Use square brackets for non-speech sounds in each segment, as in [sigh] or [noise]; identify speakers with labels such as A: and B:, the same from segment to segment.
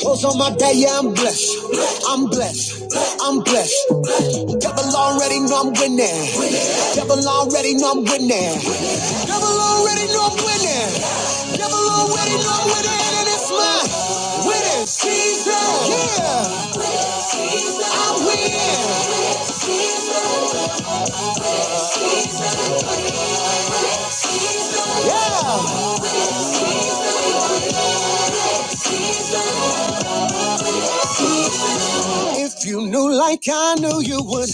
A: Close on my day, yeah, I'm blessed. I'm blessed. I'm blessed. Devil already know I'm winning. Devil already know I'm winning. Devil already know I'm winning. Devil already know I'm winning. And it's my winning season. Yeah, I'm winning. Yeah. If you knew like I knew you would,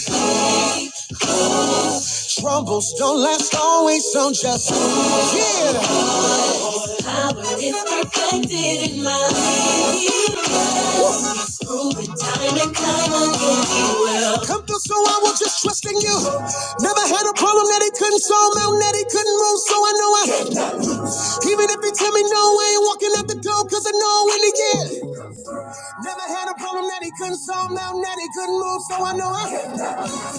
A: troubles don't last always, so just, yeah. Power is perfected in my weakness. Prove it time and time again. He will. Come through, so I was just trusting you. Never had a problem that he couldn't solve, mountain that he couldn't move, so I know I. cannot lose. Even if he tell me no, I ain't walking out the door, cause I know in the end. Never had a problem that he couldn't solve, mountain that he couldn't move, so I know I. cannot.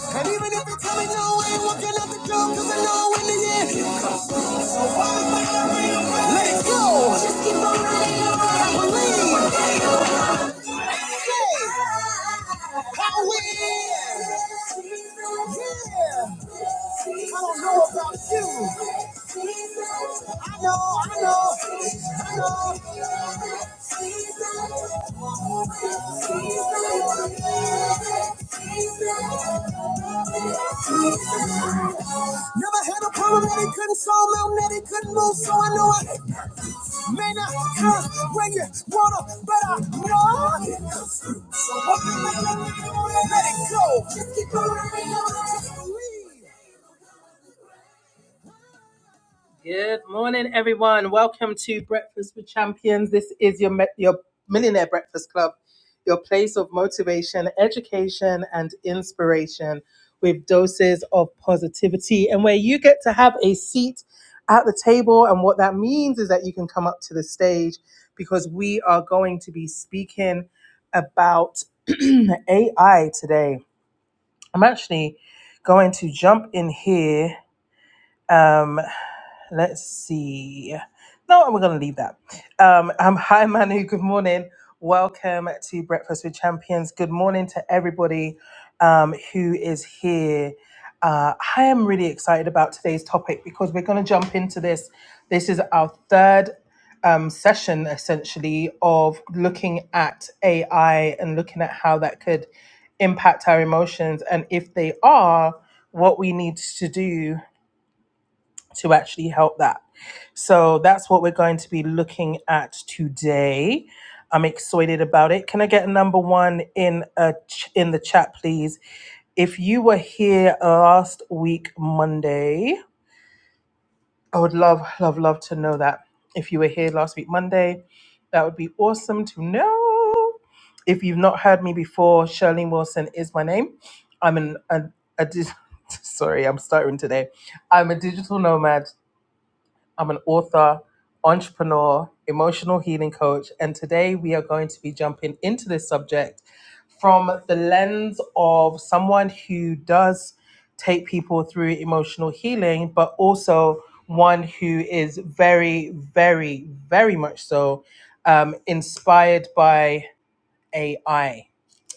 A: And even if he tell me no, I ain't walking out the door, cause I know in the end. Let it go. Just I believe. Hey. I win. I don't know about you. I know, I know, I know. Never had a problem that he couldn't solve, mountain that he couldn't move, so I know I may not come when you wanna, but I know. it comes through. So what? Let it go. Just keep on Just believe. Good morning, everyone. Welcome to Breakfast with Champions. This is your me- your Millionaire Breakfast Club, your place of motivation, education, and inspiration with doses of positivity, and where you get to have a seat at the table. And what that means is that you can come up to the stage because we are going to be speaking about [clears throat] AI today. I'm actually going to jump in here. Um, Let's see. No, we're going to leave that. Um, um, [laughs] hi, Manu. Good morning. Welcome to Breakfast with Champions. Good morning to everybody um, who is here. Uh, I am really excited about today's topic because we're going to jump into this. This is our third um, session, essentially, of looking at AI and looking at how that could impact our emotions and if they are, what we need to do to actually help that. So that's what we're going to be looking at today. I'm excited about it. Can I get a number one in a ch- in the chat, please? If you were here last week Monday, I would love, love, love to know that. If you were here last week Monday, that would be awesome to know. If you've not heard me before, Shirley Wilson is my name. I'm an, an a, di- [laughs] sorry, I'm stuttering today. I'm a digital nomad I'm an author, entrepreneur, emotional healing coach, and today we are going to be jumping into this subject from the lens of someone who does take people through emotional healing, but also one who is very, very, very much so um, inspired by AI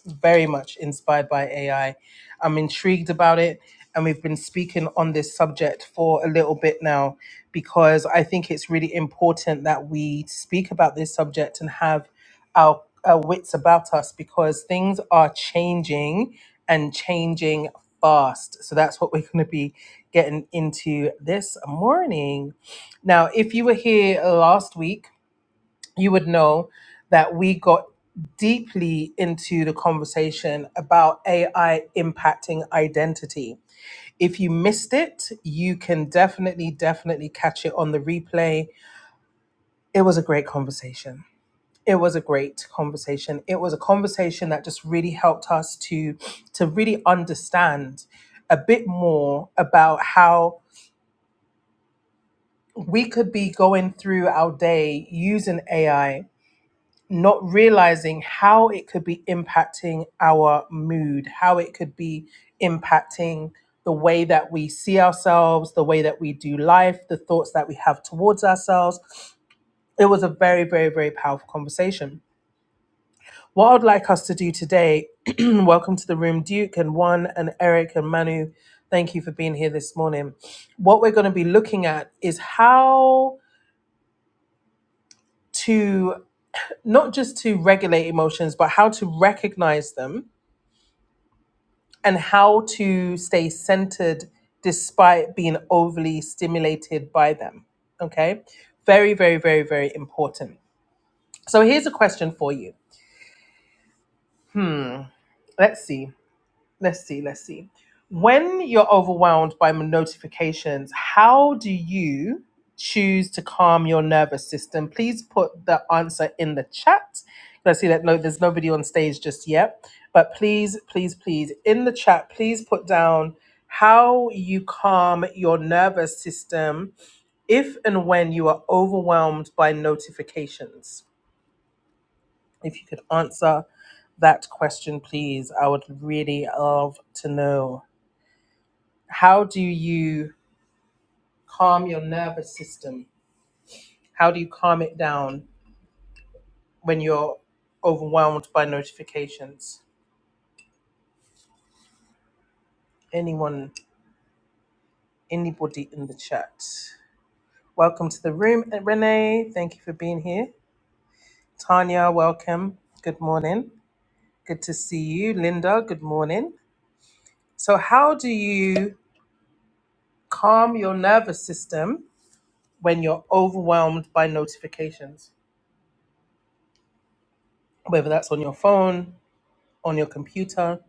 A: very much inspired by AI. I'm intrigued about it. And we've been speaking on this subject for a little bit now because I think it's really important that we speak about this subject and have our, our wits about us because things are changing and changing fast. So that's what we're going to be getting into this morning. Now, if you were here last week, you would know that we got deeply into the conversation about AI impacting identity. If you missed it, you can definitely, definitely catch it on the replay. It was a great conversation. It was a great conversation. It was a conversation that just really helped us to to really understand a bit more about how we could be going through our day using AI not realizing how it could be impacting our mood, how it could be impacting the way that we see ourselves, the way that we do life, the thoughts that we have towards ourselves. It was a very, very, very powerful conversation. What I'd like us to do today, [clears throat] welcome to the room, Duke and Juan and Eric and Manu. Thank you for being here this morning. What we're going to be looking at is how to not just to regulate emotions, but how to recognize them and how to stay centered despite being overly stimulated by them. Okay. Very, very, very, very important. So here's a question for you. Hmm. Let's see let's see, let's see. When you're overwhelmed by notifications, how do you choose to calm your nervous system? Please put the answer in the chat. I see that no, there's nobody on stage just yet, but please, please, please, in the chat, please put down how you calm your nervous system if and when you are overwhelmed by notifications. If you could answer that question, please, I would really love to know how do you calm your nervous system? How do you calm it down when you're overwhelmed by notifications? Anyone, anybody in the chat? Welcome to the room, Renee. Thank you for being here. Tanya, welcome. Good morning. Good to see you. Linda, good morning. So, how do you calm your nervous system when you're overwhelmed by notifications, whether that's on your phone, on your computer,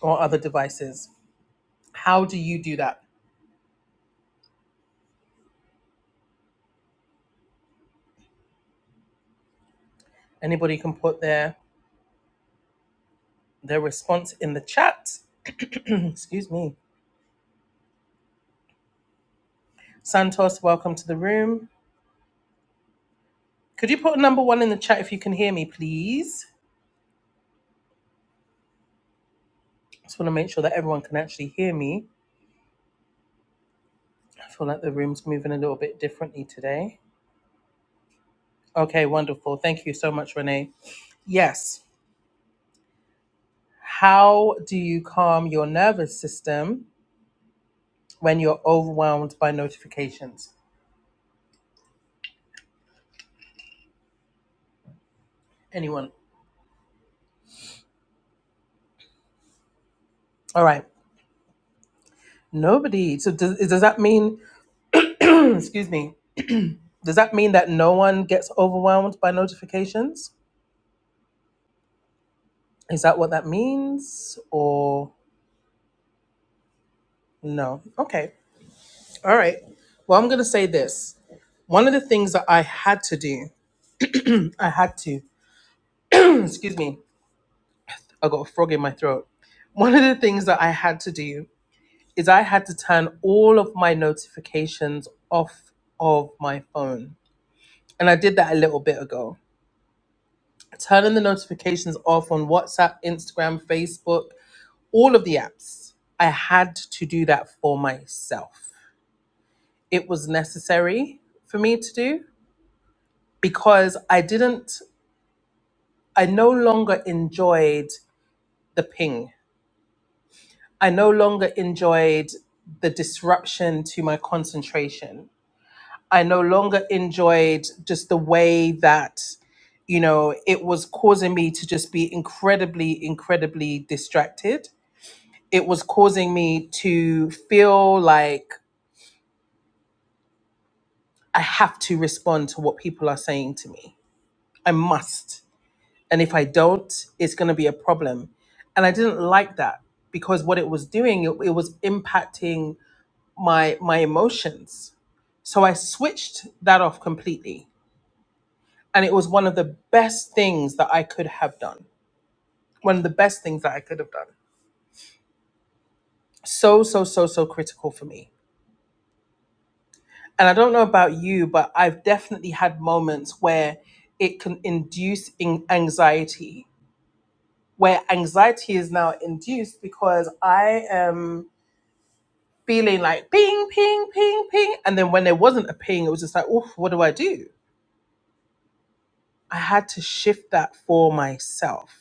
A: or other devices? How do you do that? Anybody can put their their response in the chat. [clears throat] Excuse me. Santos, welcome to the room. Could you put number one in the chat if you can hear me, please? Just want to make sure that everyone can actually hear me. I feel like the room's moving a little bit differently today. Okay, wonderful. Thank you so much, Renee. Yes. How do you calm your nervous system when you're overwhelmed by notifications? Anyone? All right. Nobody. So does, does that mean, [clears throat] excuse me, Does that mean that no one gets overwhelmed by notifications? Is that what that means? Or no? Okay. All right. Well, I'm going to say this. One of the things that I had to do, I had to, [clears throat] excuse me, I got a frog in my throat. One of the things that I had to do is I had to turn all of my notifications off of my phone. And I did that a little bit ago. Turning the notifications off on WhatsApp, Instagram, Facebook, all of the apps. I had to do that for myself. It was necessary for me to do because I didn't, I no longer enjoyed the ping. I no longer enjoyed the disruption to my concentration. I no longer enjoyed just the way that, you know, it was causing me to just be incredibly, incredibly distracted. It was causing me to feel like I have to respond to what people are saying to me. I must. And if I don't, it's going to be a problem. And I didn't like that because what it was doing, it, it was impacting my my emotions. So I switched that off completely. And it was one of the best things that I could have done. One of the best things that I could have done. So, so, so, so critical for me. And I don't know about you, but I've definitely had moments where it can induce in- anxiety where anxiety is now induced because I am feeling like ping, ping, ping, ping. And then when there wasn't a ping, it was just like, oof, what do I do? I had to shift that for myself.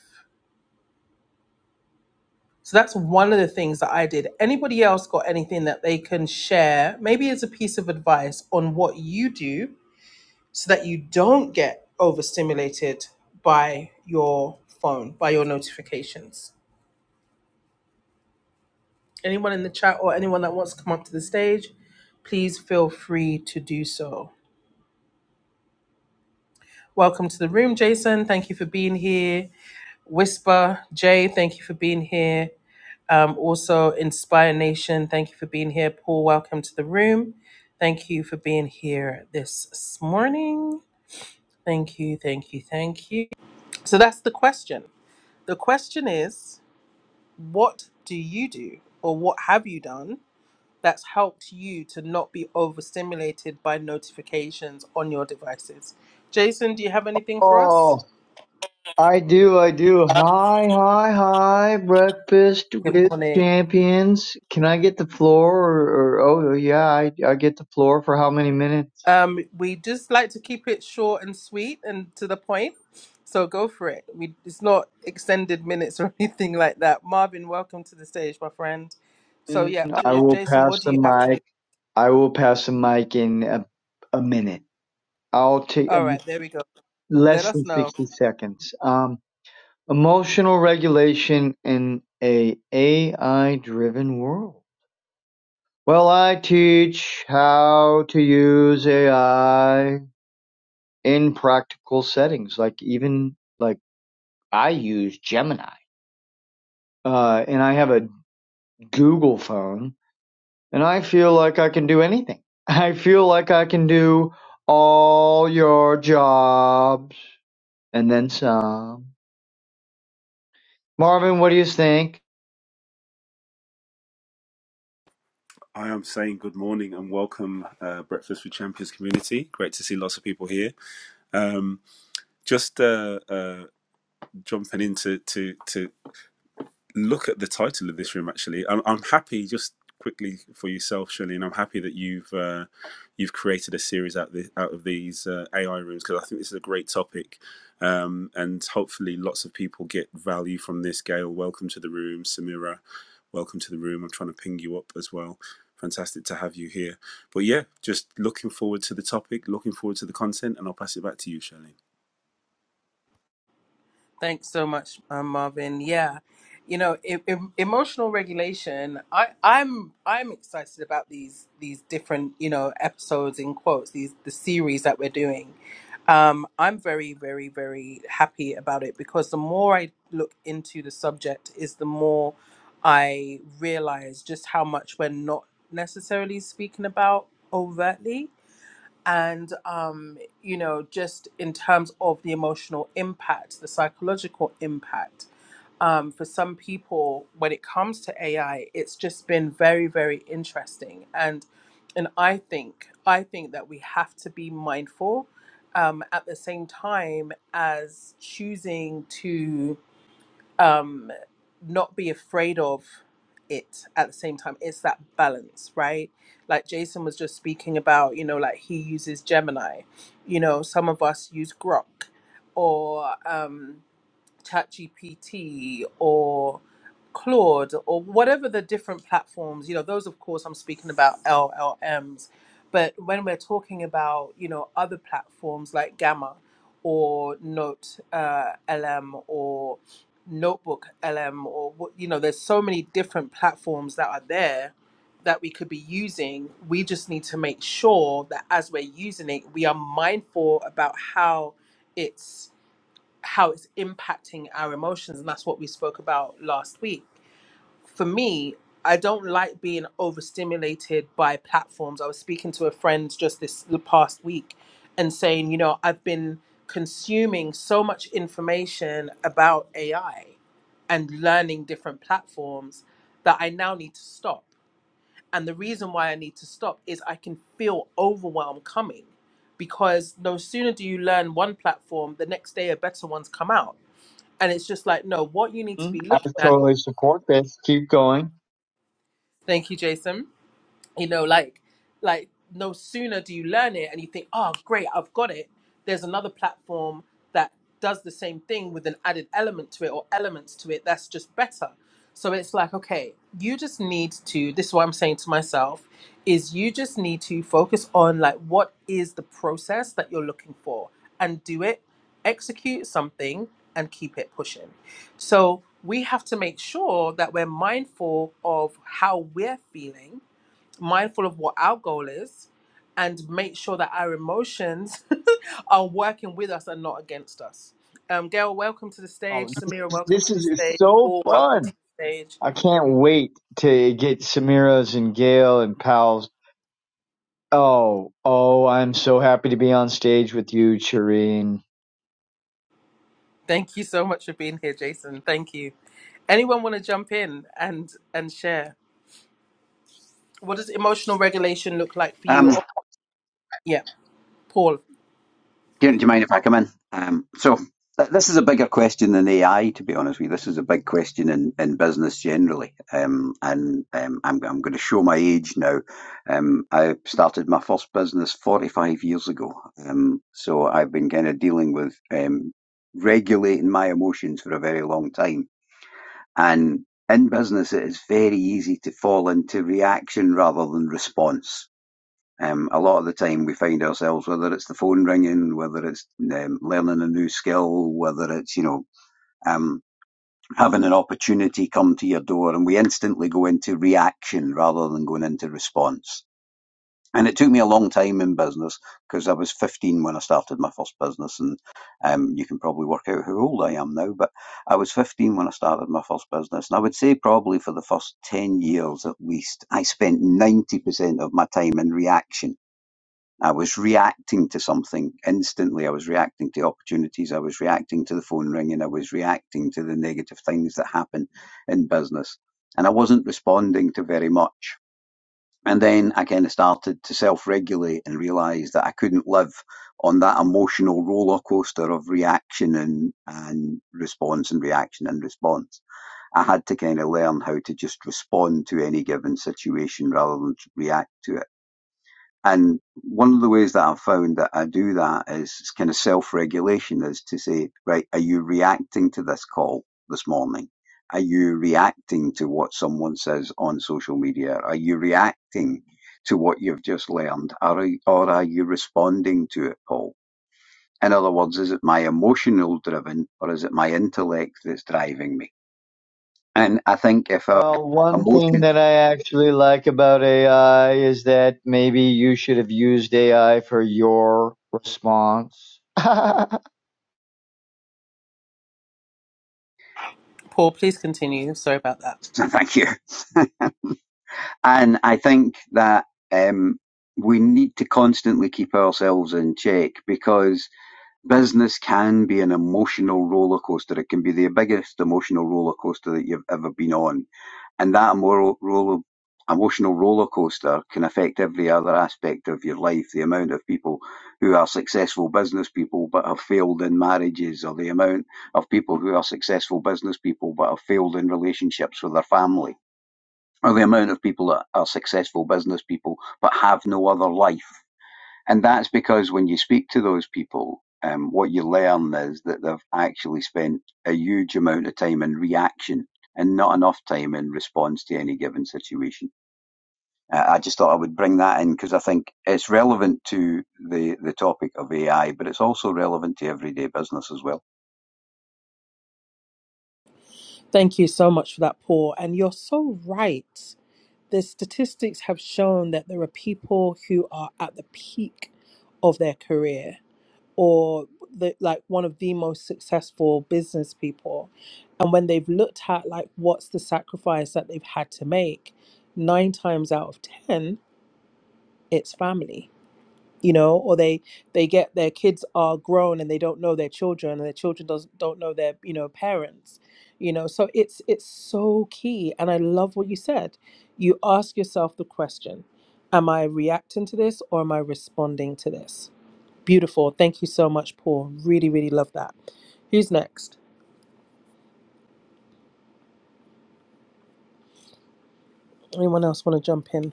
A: So that's one of the things that I did. Anybody else got anything that they can share, maybe as a piece of advice on what you do so that you don't get overstimulated by your phone, by your notifications? Anyone in the chat or anyone that wants to come up to the stage, please feel free to do so. Welcome to the room, Jason. Thank you for being here. Whisper, Jay, thank you for being here. Um, also, Inspire Nation, thank you for being here. Paul, welcome to the room. Thank you for being here this morning. Thank you, thank you, thank you. So that's the question. The question is, what do you do or what have you done that's helped you to not be overstimulated by notifications on your devices. Jason, do you have anything for us?
B: Oh, I do, I do. Hi, hi, hi. Breakfast
A: Good
B: with
A: morning.
B: champions. Can I get the floor? Or, or oh, yeah, I, I get the floor for how many minutes?
A: Um, we just like to keep it short and sweet and to the point. So go for it. We, it's not extended minutes or [laughs] anything like that. Marvin, welcome to the stage, my friend. So
B: And
A: yeah,
B: I
A: J-
B: will
A: Jason,
B: pass
A: what do
B: the
A: you have to
B: mic.
A: give?
B: I will pass the mic in a, a minute. I'll take
A: All
B: um,
A: right, there we go. Let
B: less
A: us
B: than
A: know.
B: sixty seconds. Um, emotional regulation in a AI-driven world. Well, I teach how to use AI in practical settings. Like even like I use Gemini, uh, and I have a Google phone, and I feel like I can do anything. [laughs] I feel like I can do all your jobs and then some. Marvin, what do you think?
C: I am saying good morning and welcome, uh, Breakfast with Champions community. Great to see lots of people here. Um, just uh, uh, jumping into to, to look at the title of this room actually i'm, I'm happy just quickly for yourself Shirlene, i'm happy that you've uh, you've created a series out, the, out of these uh, ai rooms because i think this is a great topic um, and hopefully lots of people get value from this gail welcome to the room samira welcome to the room i'm trying to ping you up as well fantastic to have you here but yeah just looking forward to the topic looking forward to the content and i'll pass it back to you Shirlene.
A: Thanks so much, um, Marvin. Yeah, you know, e- em- emotional regulation. I, I'm I'm excited about these these different you know episodes in quotes. These the series that we're doing. Um, I'm very very very happy about it because the more I look into the subject, is the more I realize just how much we're not necessarily speaking about overtly and um, you know just in terms of the emotional impact the psychological impact um, for some people when it comes to ai it's just been very very interesting and and i think i think that we have to be mindful um, at the same time as choosing to um, not be afraid of it at the same time. It's that balance, right? Like Jason was just speaking about, you know, like he uses Gemini, you know, some of us use Grok or, um, ChatGPT or Claude or whatever the different platforms, you know, those of course I'm speaking about LLMs, but when we're talking about, you know, other platforms like Gamma or Note uh, LM or Notebook LM or, what- you know, there's so many different platforms that are there that we could be using. We just need to make sure that as we're using it, we are mindful about how it's how it's impacting our emotions and that's what we spoke about last week for me i don't like being overstimulated by platforms i was speaking to a friend just this the past week and saying you know i've been consuming so much information about ai and learning different platforms that i now need to stop and the reason why i need to stop is i can feel overwhelm coming because no sooner do you learn one platform the next day a better one's come out and it's just like, no, what you need to
B: Hmm?
A: be
B: I
A: looking at.
B: totally support this. Keep going.
A: Thank you, Jason. you know like like no sooner do you learn it and you think oh great i've got it there's another platform that does the same thing with an added element to it or elements to it that's just better so it's like okay you just need to this is what i'm saying to myself is you just need to focus on like what is the process that you're looking for and do it execute something and keep it pushing so we have to make sure that we're mindful of how we're feeling mindful of what our goal is and make sure that our emotions [laughs] are working with us and not against us. Um, Gail, welcome to the stage.
B: Oh,
A: Samira,
B: this,
A: welcome
B: this
A: to the
B: is is
A: stage.
B: so
A: Paul, welcome to
B: fun.
A: the stage.
B: I can't wait to get Samira's and Gail and Pal's Oh, oh, I'm so happy to be on stage with you, Shireen.
A: Thank you so much for being here, Jason. Thank you. Anyone want to jump in and and share? What does emotional regulation look like for you?
D: Um,
A: Oh, yeah, Paul.
D: do, you- mind if I come in? Um, so th- this is a bigger question than AI, to be honest with you. This is a big question in, in business generally. Um, and um, I'm, I'm going to show my age now. Um, I started my first business 45 years ago. Um, so I've been kind of dealing with um, regulating my emotions for a very long time. And in business, it is very easy to fall into reaction rather than response. Um, a lot of the time, we find ourselves whether it's the phone ringing, whether it's um, learning a new skill, whether it's you know um, having an opportunity come to your door, and we instantly go into reaction rather than going into response. And it took me a long time in business because I was 15 when I started my first business, and um, you can probably work out how old I am now. But I was 15 when I started my first business, and I would say probably for the first 10 years at least, I spent 90% of my time in reaction I was reacting to something instantly. I was reacting to opportunities. I was reacting to the phone ringing. I was reacting to the negative things that happen in business. And I wasn't responding to very much. And then I kind of started to self regulate and realised that I couldn't live on that emotional roller coaster of reaction and, and response and reaction and response. I had to kind of learn how to just respond to any given situation rather than react to it and one of the ways that I've found that I do that is it's kind of self regulation is to say, right, are you reacting to this call this morning? Are you reacting to what someone says on social media? Are you reacting to what you've just learned? Are, you- or are you responding to it, Paul? In other words, is it my emotional driven or is it my intellect that's driving me? And I think if our
B: Well, one thing
D: emotions,
B: that I actually like about AI is that maybe you should have used AI for your response. [laughs]
A: Paul, please continue. Sorry about that.
D: [laughs] thank you. [laughs] And I think that um, we need to constantly keep ourselves in check because business can be an emotional roller coaster. It can be the biggest emotional roller coaster that you've ever been on. And that moral, roller, emotional roller coaster can affect every other aspect of your life. The amount of people who are successful business people but have failed in marriages, or the amount of people who are successful business people but have failed in relationships with their family or the amount of people that are successful business people but have no other life. And that's because when you speak to those people, um, what you learn is that they've actually spent a huge amount of time in reaction and not enough time in response to any given situation. Uh, I just thought I would bring that in because I think it's relevant to the, the topic of AI, but it's also relevant to everyday business as well.
A: Thank you so much for that, Paul. And you're so right. the statistics have shown that there are people who are at the peak of their career or the, like one of the most successful business people and when they've looked at like what's the sacrifice that they've had to make nine times out of ten it's family you know or they they get their kids are grown and they don't know their children and their children does, not don't know their you know parents you know so it's it's so key and i love what you said you ask yourself the question am i reacting to this or am i responding to this beautiful thank you so much paul really really love that who's next anyone else want to jump in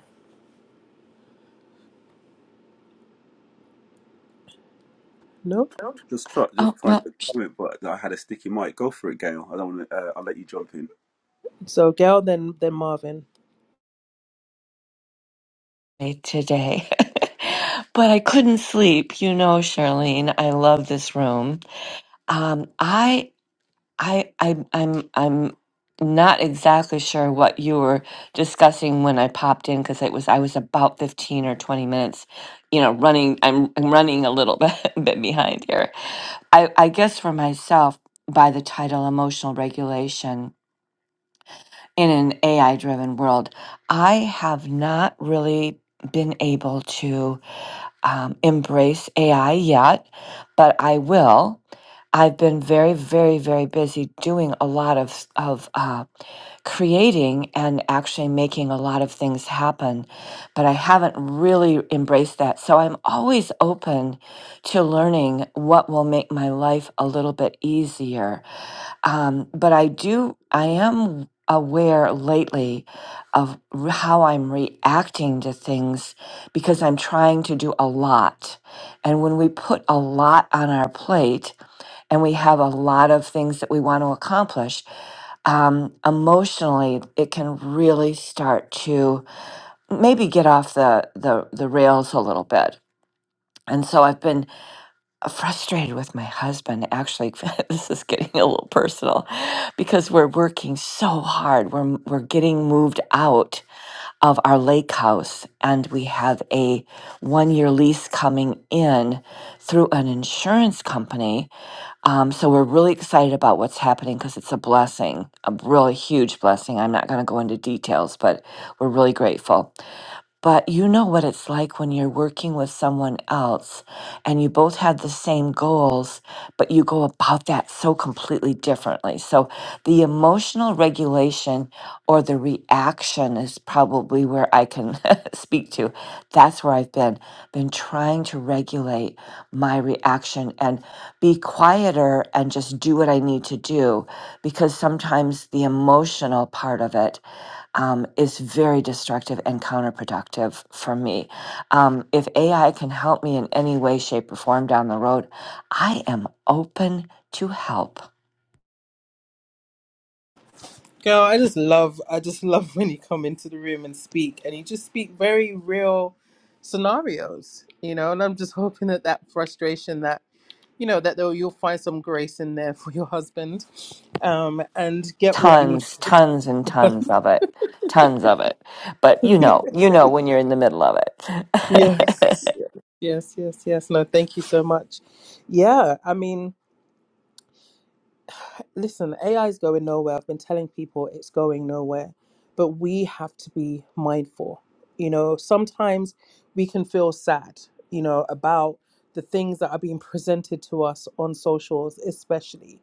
A: no
C: just try just
E: Oh,
C: trying
E: well,
C: to
E: sh-
C: comment but i had a sticky mic go for it gail i don't want to uh, i'll let you jump in
A: So Gail then then Marvin.
E: eh, today. [laughs] But I couldn't sleep, you know, Charlene. I love this room. Um, I, I, I, I'm, I'm not exactly sure what you were discussing when I popped in because it was I was about fifteen or twenty minutes, you know, running. I'm, I'm running a little [laughs] bit, bit behind here. I, I guess for myself, by the title, emotional regulation. in an AI driven world, I have not really been able to um, embrace AI yet, but I will. I've been very, very, very busy doing a lot of of uh, creating and actually making a lot of things happen, but I haven't really embraced that. So I'm always open to learning what will make my life a little bit easier. Um, but I do, I am aware lately of r- how I'm reacting to things because I'm trying to do a lot. And when we put a lot on our plate and we have a lot of things that we want to accomplish, um, emotionally, it can really start to maybe get off the, the, the rails a little bit. And so I've been frustrated with my husband. Actually, [laughs] this is getting a little personal because we're working so hard. We're, we're getting moved out of our lake house, and we have a one year lease coming in through an insurance company um, so we're really excited about what's happening because it's a blessing, a really huge blessing. I'm not going to go into details, but we're really grateful. But you know what it's like when you're working with someone else and you both have the same goals, but you go about that so completely differently. So the emotional regulation or the reaction is probably where I can [laughs] can [laughs] speak to. That's where I've been been trying to regulate my reaction and be quieter and just do what I need to do because sometimes the emotional part of it um, is very destructive and counterproductive for me. Um, if AI can help me in any way, shape, or form down the road, I am open to help.
A: Girl, I just love I just [laughs] love when you come into the room and speak and you just speak very real scenarios, you know, and I'm just hoping that that frustration that you know that though you'll find some grace in there [laughs] for your husband um and get what you need
E: tons, tons and tons of it. Tons of it. But you know, you know when you're in the middle of
A: yes
E: it.
A: yes yes yes no thank you so much yeah i mean listen, AI is going nowhere. I've been telling people it's going nowhere, but we have to be mindful. You know, sometimes we can feel sad, you know, about the things that are being presented to us on socials, especially.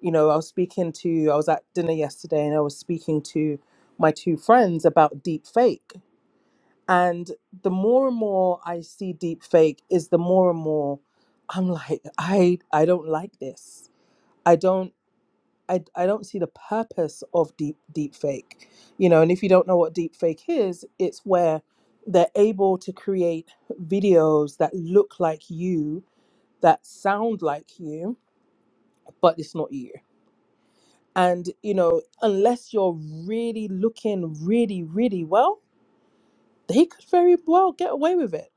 A: You know, I was speaking to, I was at dinner yesterday and I was speaking to my two friends about deep fake. And the more and more I see deep fake is the more and more I'm like, I I don't like this. I don't I, I don't see the purpose of deep deep fake you know and if you don't know what deep fake is it's where they're able to create videos that look like you that sound like you but it's not you and you know unless you're really looking really really well they could very well get away with it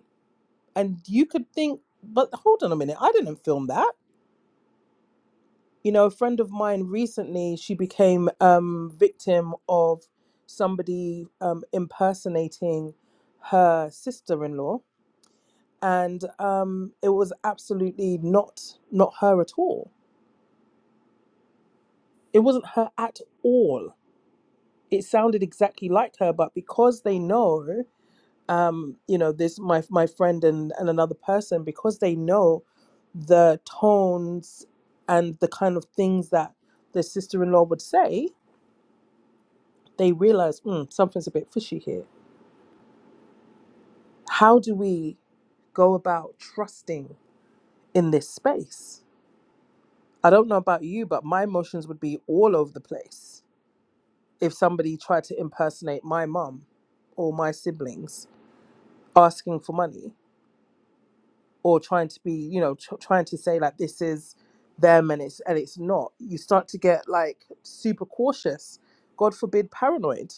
A: and you could think but hold on a minute i didn't film that you know a friend of mine recently she became um victim of somebody um impersonating her sister-in-law and um it was absolutely not not her at all it wasn't her at all it sounded exactly like her but because they know um you know this my my friend and and another person because they know the tones and the kind of things that the sister-in-law would say they realize mm, something's a bit fishy here. How do we go about trusting in this space? I don't know about you, but my emotions would be all over the place if somebody tried to impersonate my mum or my siblings asking for money or trying to be, you know, tr- trying to say like this is them and it's and it's not. You start to get like super cautious. God forbid, paranoid.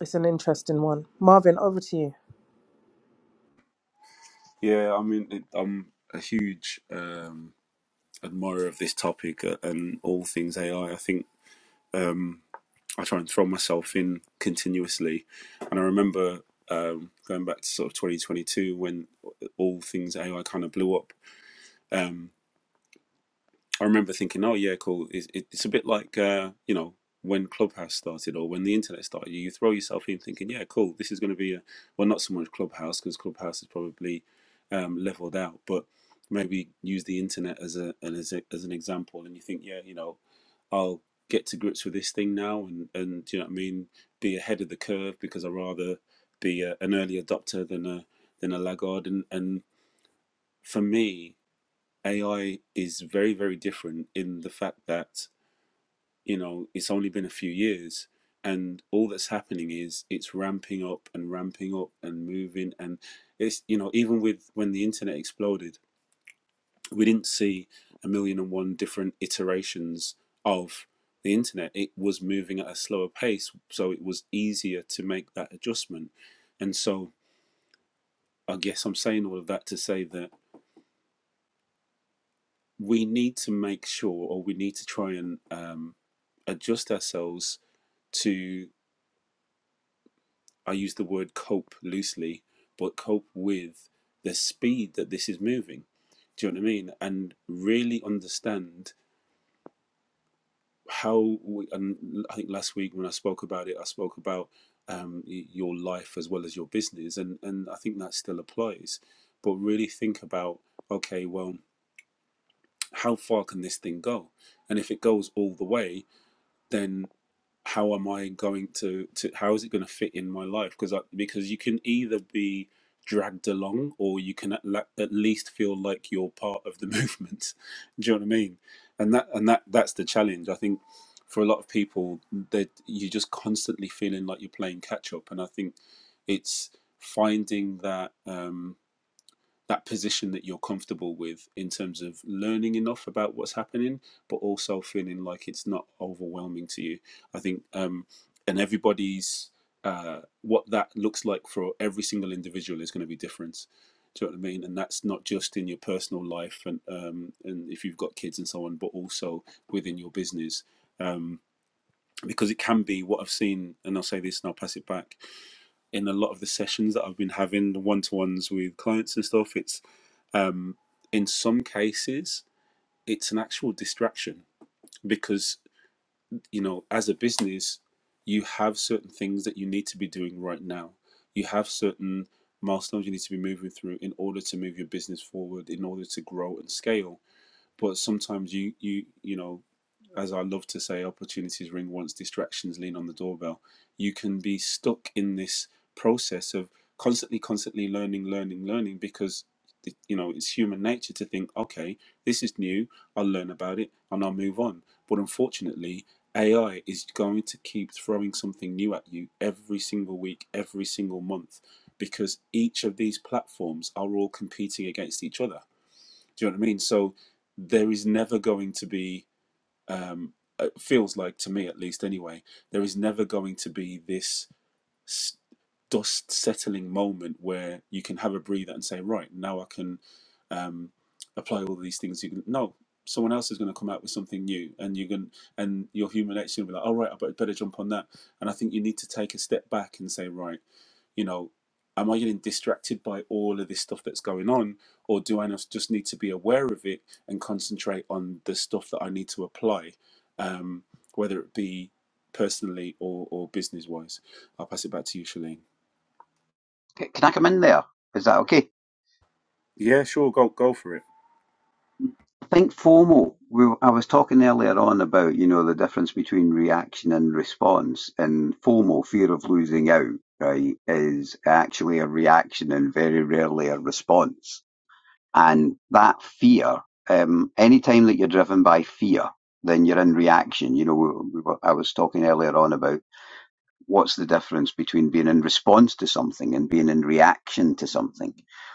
A: It's an interesting one. Marvin, over to you.
C: Yeah, I mean, it, I'm a huge um, admirer of this topic uh, and all things AI. I I think I try and throw myself in continuously, and I remember um, going back to sort of 2022 when all things AI kind of blew up. Um, I remember thinking, oh yeah, cool. It's, it- it's a bit like uh, you know when Clubhouse started or when the internet started. You throw yourself in thinking, yeah, cool. This is going to be a well, not so much Clubhouse because Clubhouse is probably um, leveled out, but maybe use the internet as a and as a, as an example. And you think, yeah, you know, I'll get to grips with this thing now, and and do you know what I mean? Be ahead of the curve because I would rather be a, an early adopter than a than a laggard. And and for me, AI is very, very different in the fact that, you know, it's only been a few years and all that's happening is it's ramping up and ramping up and moving. And it's, you know, even with when the internet exploded, we didn't see a million and one different iterations of the internet. It was moving at a slower pace. So it was easier to make that adjustment. And so I guess I'm saying all of that to say that we need to make sure, or we need to try and um, adjust ourselves to, I use the word cope loosely, but cope with the speed that this is moving. Do you know what I mean? And really understand how we, and I think last week when I spoke about it, I spoke about um, your life as well as your business. And, and I think that still applies. But really think about, okay, well, how far can this thing go? And if it goes all the way, then how am I going to, to how is it going to fit in my life? Because I, because you can either be dragged along or you can at, la- at least feel like you're part of the [laughs] movement. Do you know what I mean? And that and that that's the challenge. I think for a lot of people, that you're just constantly feeling like you're playing catch up. And I think it's finding that. Um, that position that you're comfortable with in terms of learning enough about what's happening, but also feeling like it's not overwhelming to you. I think, um, and everybody's uh, what that looks like for every single individual is going to be different. Do you know what I mean? And that's not just in your personal life and um, and if you've got kids and so on, but also within your business, um, because it can be what I've seen. And I'll say this, and I'll pass it back. In a lot of the sessions that I've been having, the one to ones with clients and stuff, it's um, in some cases it's an actual distraction because you know as a business you have certain things that you need to be doing right now you have certain milestones you need to be moving through in order to move your business forward in order to grow and scale but sometimes you you you know, as I love to say, opportunities ring once, distractions lean on the doorbell. You can be stuck in this process of constantly, constantly learning, learning, learning because you know it's human nature to think, okay, this is new. I'll learn about it and I'll move on. But unfortunately, AI is going to keep throwing something new at you every single week, every single month, because each of these platforms are all competing against each other. Do you know what I mean? So there is never going to be, um, it feels like to me at least anyway, there is never going to be this s- dust settling moment where you can have a breather and say, right, now I can um, apply all these things. You can, no, someone else is going to come out with something new and you can, and your human nature will be like, all right, I better better jump on that. And I think you need to take a step back and say, right, you know am i getting distracted by all of this stuff that's going on or do i not- just need to be aware of it and concentrate on the stuff that i need to apply um, whether it be personally or, or business wise i'll pass it back to you shalene
D: Can I come in there? Is that okay?
C: yeah sure go go for it
D: I think FOMO. We, I was talking earlier on about you know the difference between reaction and response, and FOMO, fear of losing out, right, is actually a reaction and very rarely a response. And that fear, um, any time that you're driven by fear, then you're in reaction. You know, we, we were, I was talking earlier on about what's the difference between being in response to something and being in reaction to something?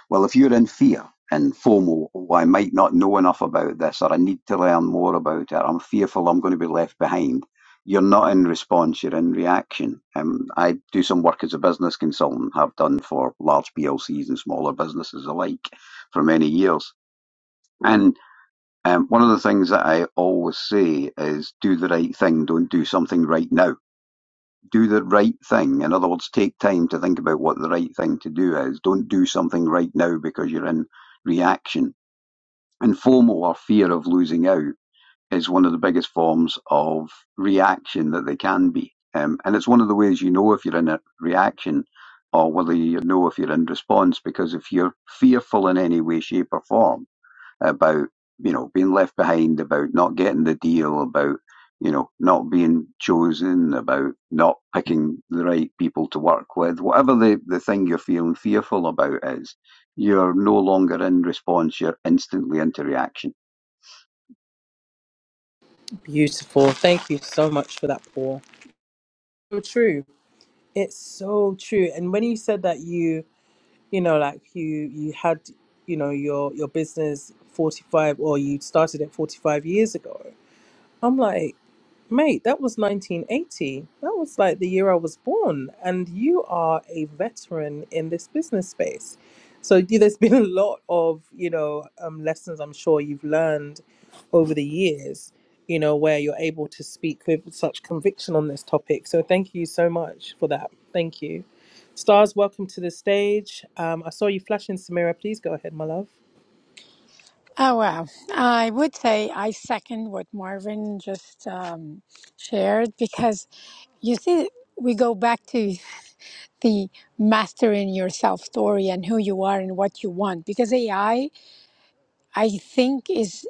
D: Well, if you're in fear and FOMO, oh, I might not know enough about this, or I need to learn more about it, I'm fearful I'm going to be left behind. You're not in response, you're in reaction. Um, I do some work as a business consultant, have done for large PLCs and smaller businesses alike for many years. And um, one of the things that I always say is do the right thing, don't do something right now do the right thing. In other words, take time to think about what the right thing to do is. Don't do something right now because you're in reaction. And FOMO or fear of losing out is one of the biggest forms of reaction that they can be. Um, and it's one of the ways you know if you're in a reaction or whether you know if you're in response because if you're fearful in any way, shape, or form, about you know being left behind, about not getting the deal, about you know not being chosen, about not picking the right people to work with, whatever the the thing you're feeling fearful about is, you're no longer in response; you're instantly into reaction.
A: Beautiful. Thank you so much for that, Paul. so true. It's so true. And when you said that you, you know, like you you had, you know, your your business 45 or you started it 45 years ago. I'm like Mate, that was 1980. That was like the year I was born. And you are a veteran in this business space. So you- there's been [laughs] a lot of, you know, um, lessons I'm sure you've learned over the years, you know, where you're able to speak with such conviction on this topic. So thank you so much for that. Thank you. Stars, welcome to the stage. Um, I saw you flashing, Samira. Please go ahead, my love.
F: Oh, wow. I would say I second what Marvin just um, shared because you see, we go back to the mastering yourself story and who you are and what you want because AI, I I think, is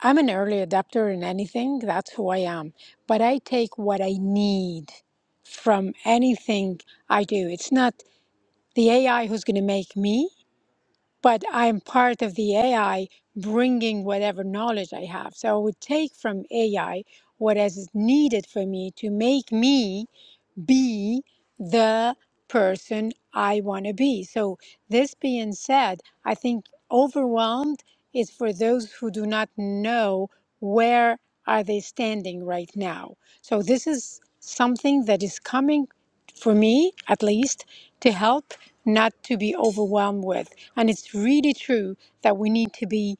F: I'm an early adapter in anything. That's who I am. But I take what I need from anything I do. It's not the AI who's going to make me. but I'm part of the AI bringing whatever knowledge I have. So I would take from AI what is needed for me to make me be the person I want to be. So, this being said, I think overwhelmed is for those who do not know where are they standing right now. So, this is something that is coming for me at least to help not to be overwhelmed with. And it's really true that we need to be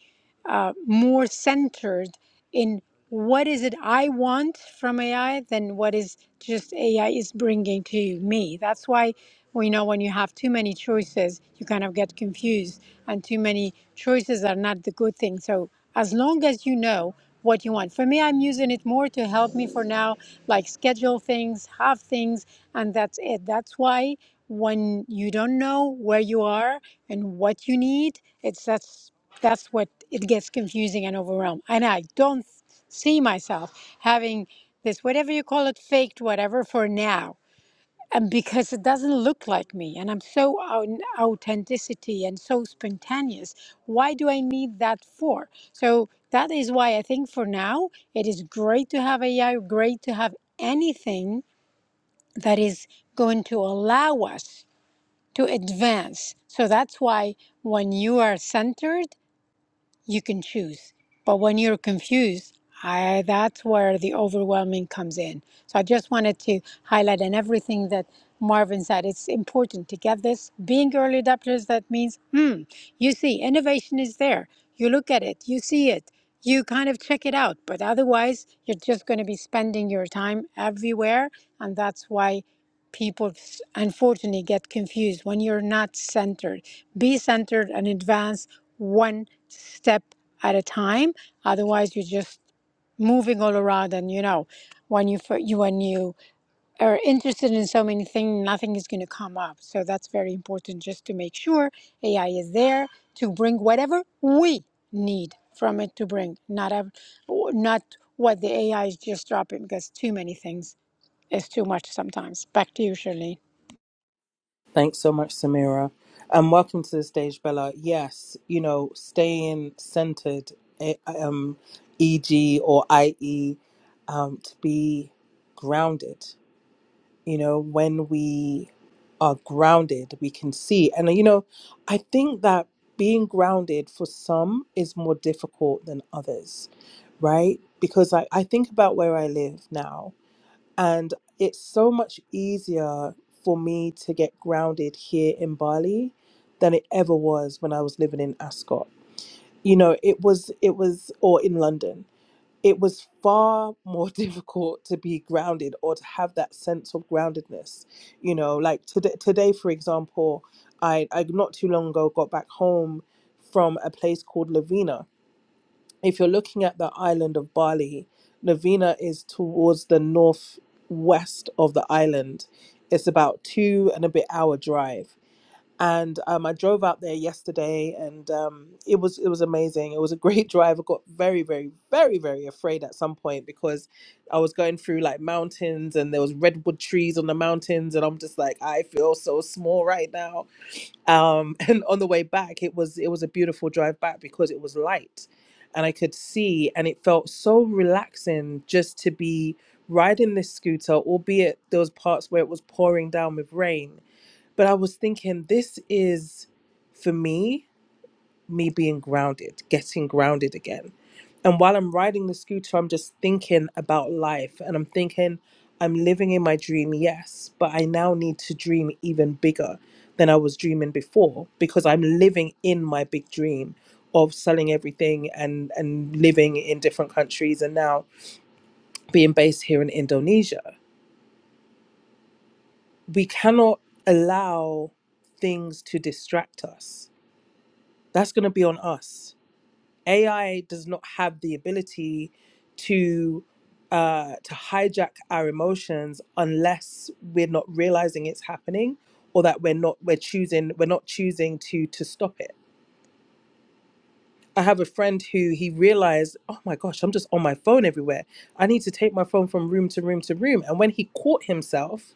F: uh, more centered in what is it I want from AI than what is just AI is bringing to me. That's why we know when you have too many choices, you kind of get confused, and too many choices are not the good thing. So as long as you know what you want, for me, I'm using it more to help me for now, like schedule things, have things, and that's it. That's why when you don't know where you are and what you need, it's that's that's what it gets confusing and overwhelmed. And I don't see myself having this, whatever you call it, faked whatever for now. And because it doesn't look like me and I'm so on authenticity and so spontaneous, why do I need that for? So that is why I think for now it is great to have AI, great to have anything that is going to allow us to advance. So that's why when you are centered, you can choose. But when you're confused, I, that's where the overwhelming comes in. So I just wanted to highlight and everything that Marvin said. It's important to get this. Being early adopters, that means, hmm, you see, innovation is there. You look at it, you see it, you kind of check it out. But otherwise, you're just going to be spending your time everywhere. And that's why people s- unfortunately get confused when you're not centered. Be centered and advance one step at a time. Otherwise, you're just moving all around, and you know, when you you when you are interested in so many things, nothing is going to come up. So that's very important, just to make sure AI is there to bring whatever we need from it to bring, not ev- not what the AI is just dropping, because too many things is too much sometimes. Back to you, Shirley.
A: Thanks so much, Samira. Um, welcome to the stage, Bella. Yes, you know, staying centered, eh, um, e.g. or i.e., um, to be grounded. You know, when we are grounded, we can see. And, you know, I think that being grounded for some is more difficult than others, right? Because I, I think about where I live now and it's so much easier for me to get grounded here in Bali than it ever was when I was living in Ascot. You know, it was, it was, or in London. It was far more [laughs] difficult to be grounded or to have that sense of groundedness. You know, like today, today for example, I, I not too long ago got back home from a place called Lavina if you're looking at the island of Bali, Navina is towards the northwest of the island. It's about two and a bit hour drive. And um, I drove out there yesterday, and um, it was it was amazing. It was a great [laughs] drive. I got very, very, very, very afraid at some point because I was going through like mountains, and there was redwood trees on the mountains, and I'm just like, I feel so small right now um [laughs] and on the way back it was it was a beautiful drive back because it was light and i could see and it felt so relaxing just to be riding this scooter albeit there was parts where it was pouring down with rain but i was thinking this is for me me being grounded, getting grounded again. And while I'm riding the scooter, I'm just thinking about life and I'm thinking, I'm living in my dream, yes, but I now need to dream even bigger than I was dreaming before because I'm living in my big dream of selling everything and, and living in different countries and now being based here in Indonesia. We cannot allow things to distract us. That's going to be on us AI does not have the ability to uh, to hijack our emotions unless we're not realizing it's happening or that we're not we're choosing we're not choosing to to stop it. I have a friend who he realized, oh my gosh, I'm just on my phone everywhere. I need to take my phone from room to room to room. And when he caught himself,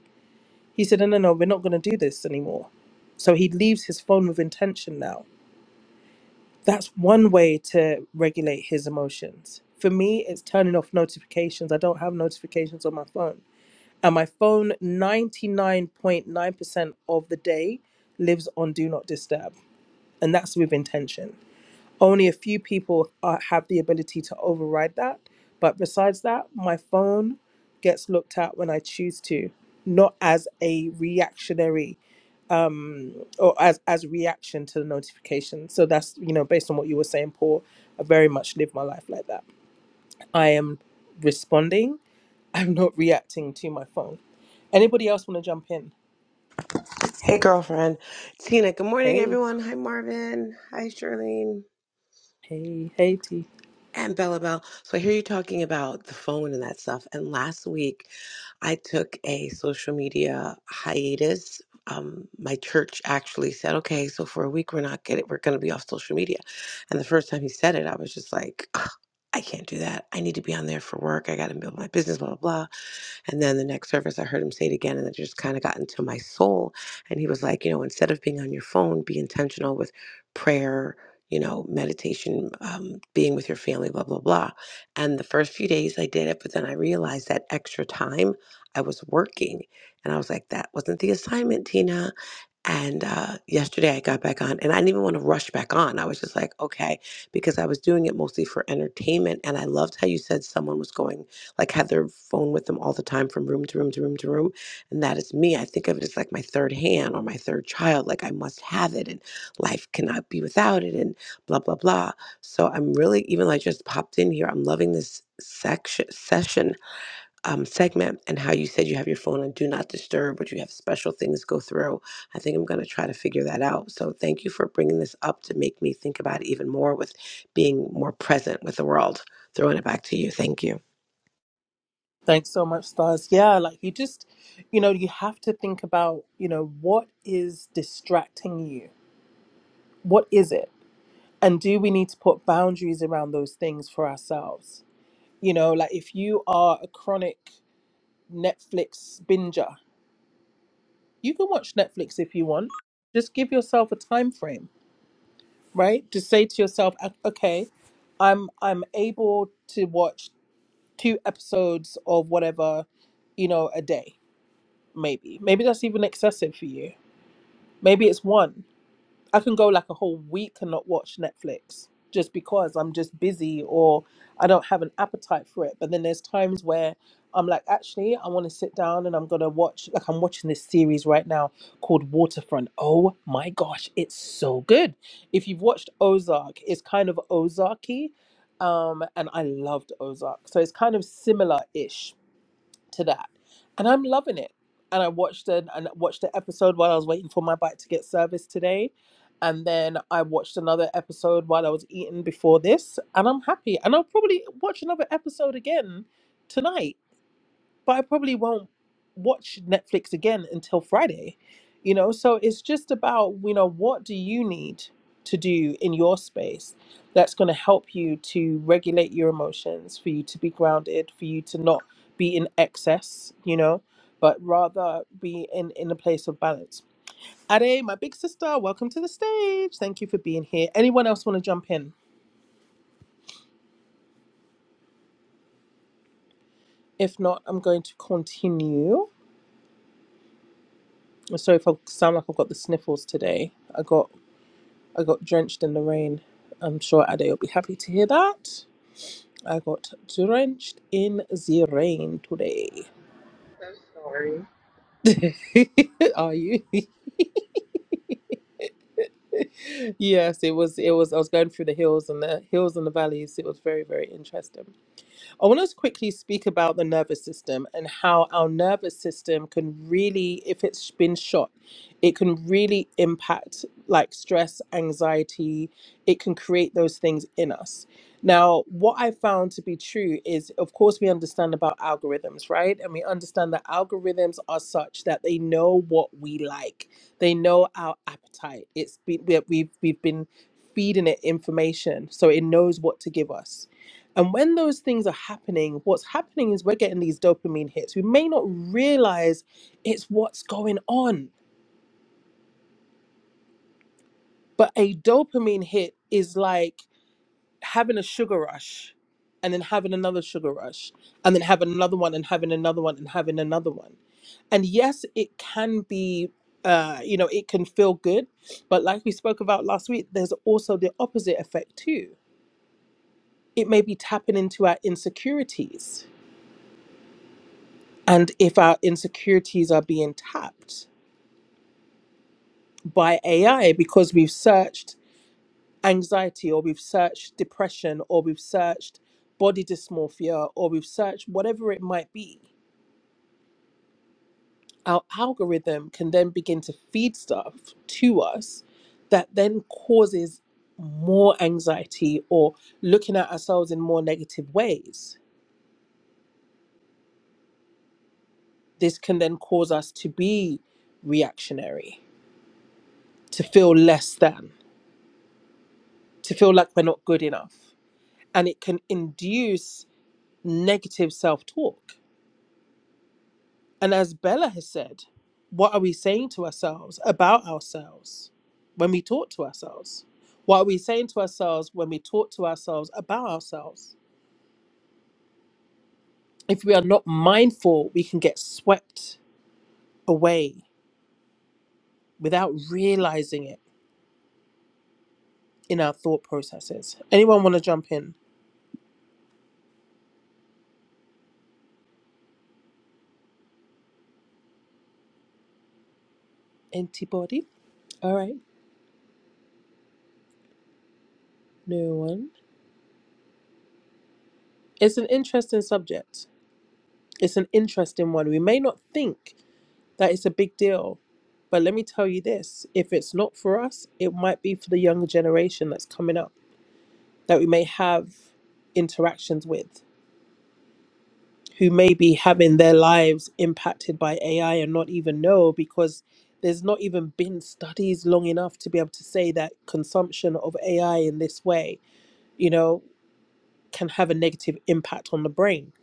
A: he said, no, no, no, we're not going to do this anymore. So he leaves his phone with intention now That's one way to regulate his emotions. For me, it's turning off notifications. I don't have notifications on my phone. And my phone, 99.9% of the day, lives on do not disturb. And that's with intention. Only a few people are, have the ability to override that. But besides that, my phone gets looked at when I choose to, not as a reactionary um, or as as reaction to the notification. So that's you know based on what you were saying, Paul. I very much live my life like that. I am responding. [laughs] I'm not reacting to my phone. Anybody else want to jump in?
G: Hey, girlfriend. Tina, good morning,
A: Hey,
G: everyone. Hi, Marvin. Hi, Charlene.
A: hey, hey, T.
G: And Bella Bell. So I hear you talking about the phone and that stuff. And last week, I took a social media hiatus. Um, my church actually said, "Okay, so for a week, we're not getting, we're going to be off social media." And the first time he said it, I was just like, "Ugh, "I can't do that. I need to be on there for work. I got to build my business." Blah blah blah. And then the next service, I heard him say it again, and it just kind of got into my soul. And he was like, you know, instead of being on your phone, be intentional with prayer, you know, meditation, um, being with your family, blah, blah, blah. And the first few days I did it, but then I realized that extra time I was working. And I was like, that wasn't the assignment, Tina. And uh, yesterday I got back on, and I didn't even want to rush back on. I was just like, okay, because I was doing it mostly for entertainment. And I loved how you said someone was going like have their phone with them all the time from room to room to room to room. And that is me. I think of it as like my third hand or my third child. Like I must have it and life cannot be without it and blah, blah, blah. So I'm really, even like just popped in here, I'm loving this section session um segment and how you said you have your phone and do not disturb but you have special things go through i think i'm going to try to figure that out so thank you for bringing this up to make me think about it even more with being more present with the world throwing it back to you thank you
A: Thanks so much, Stars. Yeah, like you just, you know, you have to think about, you know, what is distracting you? What is it? And do we need to put boundaries around those things for ourselves? You know, like if you are a chronic Netflix binger. You can watch Netflix if you want. Just give yourself a time frame, right? Just say to yourself, "O- okay, I'm I'm able to watch two episodes of whatever, you know, a day. Maybe maybe that's even excessive for you. Maybe it's one. I can go like a whole week and not watch Netflix just because I'm just busy or I don't have an appetite for it. But then there's times where I'm like, actually, I want to sit down and I'm going to watch, like, I'm watching this series right now called Waterfront. Oh my gosh, it's so good. If you've watched Ozark, it's kind of Ozarky. Um, and I loved Ozark. So it's kind of similar ish to that, and I'm loving it. And I watched an and watched the episode while I was waiting for my bike to get serviced today, and then I watched another episode while I was eating before this, and I'm happy. And I'll probably watch another episode again tonight but I probably won't watch Netflix again until Friday, you know? So it's just about, you know, what do you need to do in your space that's going to help you to regulate your emotions, for you to be grounded, for you to not be in excess, you know, but rather be in, in a place of balance. Ade, my big sister, welcome to the stage. Thank you for being here. Anyone else want to jump in? If not, I'm going to continue. I'm Sorry if I sound like I've got the sniffles today. I got I got drenched in the rain. I'm sure Ade will be happy to hear that. I got drenched in the rain today.
H: I'm sorry.
A: [laughs] Are you? [laughs] yes, it was. It was. I was going through the hills and the hills and the valleys. It was very, very interesting. I want to quickly speak about the nervous system and how our nervous system can really, if it's been shot, it can really impact like stress, anxiety. It can create those things in us. Now, what I found to be true is, of course, we understand about algorithms, right? And we understand that algorithms are such that they know what we like. They know our appetite. It's been we- we've we've been feeding it information, so it knows what to give us. And when those things are happening, what's happening is we're getting these dopamine hits. We may not realize it's what's going on, but a dopamine hit is like having a sugar rush and then having another sugar rush and then having another one and having another one and having another one. And yes, it can be, uh, you know, it can feel good. But like we spoke about last week, there's also the opposite effect too. It may be tapping into our insecurities and if our insecurities are being tapped by AI because we've searched anxiety or we've searched depression or we've searched body dysmorphia or we've searched whatever it might be, our algorithm can then begin to feed stuff to us that then causes more anxiety or looking at ourselves in more negative ways. This can then cause us to be reactionary, to feel less than, to feel like we're not good enough and it can induce negative self talk. And as Bella has said, what are we saying to ourselves about ourselves when we talk to ourselves? What are we saying to ourselves when we talk to ourselves about ourselves? If we are not mindful, we can get swept away without realizing it in our thought processes. Anyone want to jump in? Antibody? All right, no one. It's an interesting subject. It's an interesting one. We may not think That is a big deal. But let me tell you this if it's not for us, it might be for the younger generation that's coming up that we may have interactions with, who may be having their lives impacted by AI and not even know because there's not even been studies long enough to be able to say that consumption of AI in this way, you know, can have a negative impact on the brain.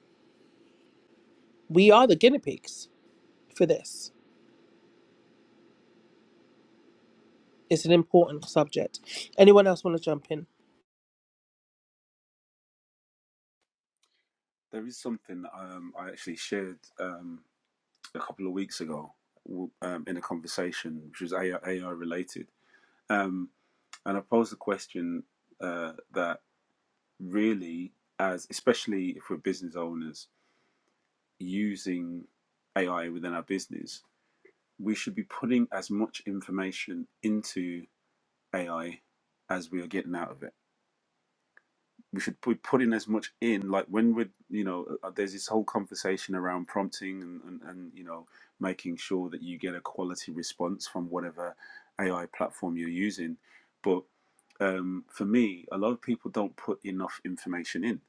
A: We are the guinea pigs for this. It's an important subject. Anyone else want to jump in?
C: there is something um, i actually shared um, a couple of weeks ago w- um, in a conversation which was ai, related um, and i posed a question uh, that really as especially if we're business owners using AI within our business, we should be putting as much information into AI as we are getting out of it. We should be putting as much in, like when we're, you know, uh, uh, there's this whole conversation around prompting and, and, and, you know, making sure that you get a quality response from whatever AI platform you're using. But um, for me, a lot of people don't put enough information in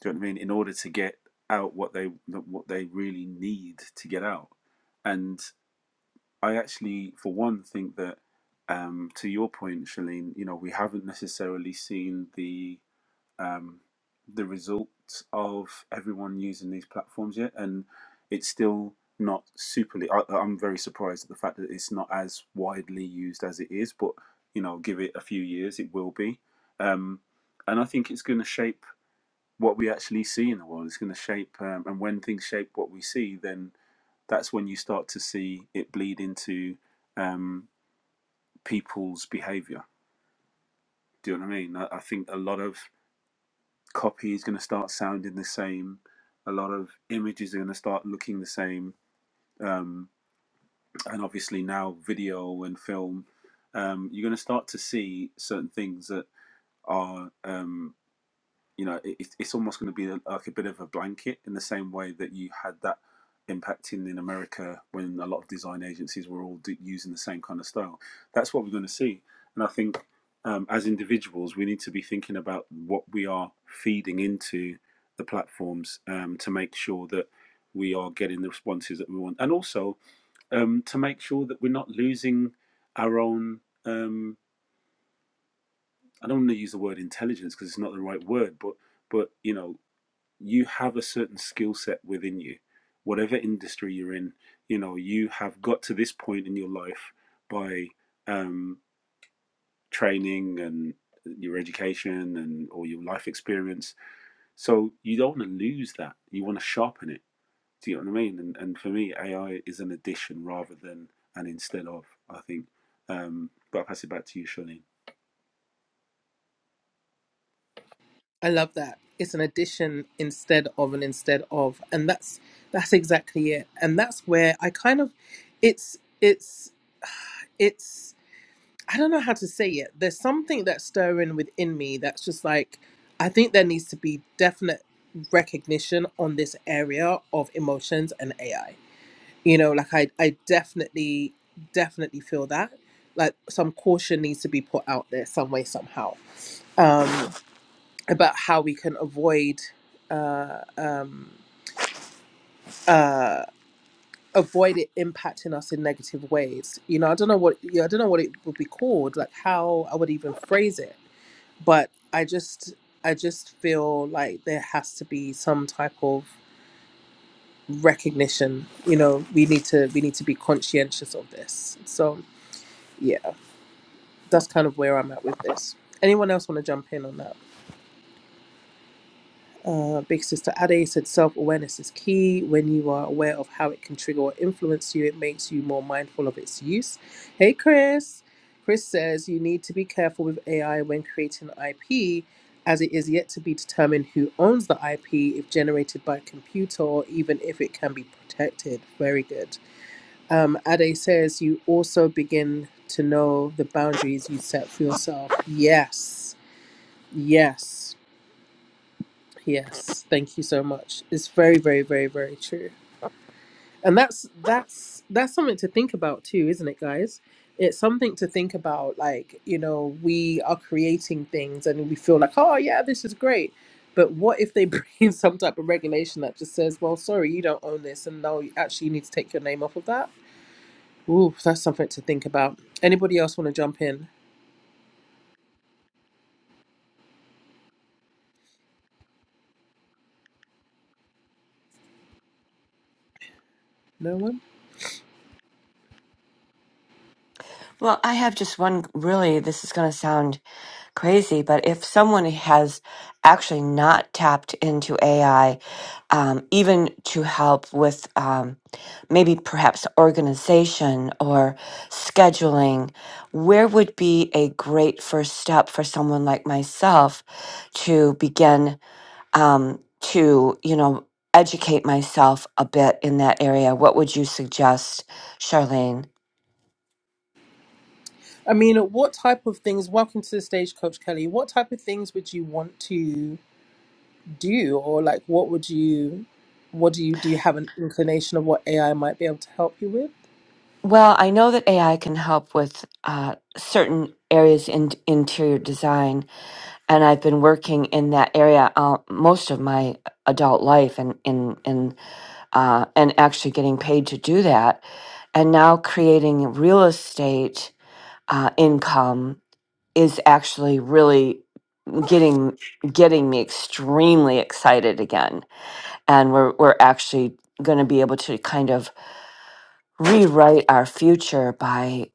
C: Do you know what I mean? In order to get out what they what they really need to get out. And I actually, for one, think that um, to your point, Shalene, you know, we haven't necessarily seen the um, the results of everyone using these platforms yet, and it's still not superly. I, I'm very surprised at the fact that it's not as widely used as it is, but you know, give it a few years, it will be. Um, and I think it's going to shape what we actually see in the world. It's going to shape, um, and when things shape what we see, then that's when you start to see it bleed into um, people's behavior. Do you know what I mean? I, I think a lot of copy is going to start sounding the same. A lot of images are going to start looking the same, um, and obviously now video and film, um, you're going to start to see certain things that are. um, you know, it, it's it's almost going to be like a bit of a blanket in the same way that you had that impacting in America when a lot of design agencies were all d- using the same kind of style. That's what we're going to see. And I think um, as individuals, we need to be thinking about what we are feeding into the platforms um, to make sure that we are getting the responses that we want. And also um, to make sure that we're not losing our own, um, I don't want to use the word intelligence because it's not the right word, but but you know you have a certain skill set within you whatever industry you're in you know you have got to this point in your life by um, training and your education and or your life experience so you don't want to lose that you want to sharpen it do you know what i mean and, and for me ai is an addition rather than an instead of i think um, but i'll pass it back to you charlene
A: I love that. It's an addition instead of an instead of, and that's that's exactly it. And that's where I kind of, it's it's it's I don't know how to say it. There's something that's stirring within me that's just like I think there needs to be definite recognition on this area of emotions and AI. You know, like I I definitely definitely feel that like some caution needs to be put out there some way somehow. Um, about how we can avoid uh, um, uh, avoid it impacting us in negative ways. You know, I don't know what yeah, I don't know what it would be called, like how I would even phrase it, but I just I just feel like there has to be some type of recognition. You know, we need to we need to be conscientious of this. So yeah, that's kind of where I'm at with this. Anyone else want to jump in on that? Uh, Big Sister Ade said self awareness is key. When you are aware of how it can trigger or influence you, it makes you more mindful of its use. Hey, Chris. Chris says you need to be careful with AI when creating IP, as it is yet to be determined who owns the IP if generated by a computer or even if it can be protected. Very good. Um, Ade says you also begin to know the boundaries you set for yourself. Yes. Yes Yes, thank you so much. It's very, very, very, very true. And that's that's that's something to think about too, isn't it, guys? It's something to think about. Like you know, we are creating things, and we feel like, oh yeah, this is great. But what if they [laughs] bring some type of regulation that just says, well, sorry, you don't own this, and now you actually need to take your name off of that? Ooh, that's something to think about. Anybody else want to jump in? No one.
E: [laughs] well, I have just one really this is going to sound crazy, but if someone has actually not tapped into AI um, even to help with um, maybe perhaps organization or scheduling, where would be a great first step for someone like myself to begin um, to you know educate myself a bit in that area what would you suggest charlene
A: I mean, what type of things? Welcome to the stage, Coach Kelly. What type of things would you want to? do or like what would you what do you do you have an inclination of what AI might be able to help you with?
E: well i know that ai can help with uh, certain areas in interior design and i've been working in that area uh, most of my adult life and in in uh, and actually getting paid to do that and now creating real estate uh, income is actually really getting getting me extremely excited again and we're we're actually going to be able to kind of rewrite our future by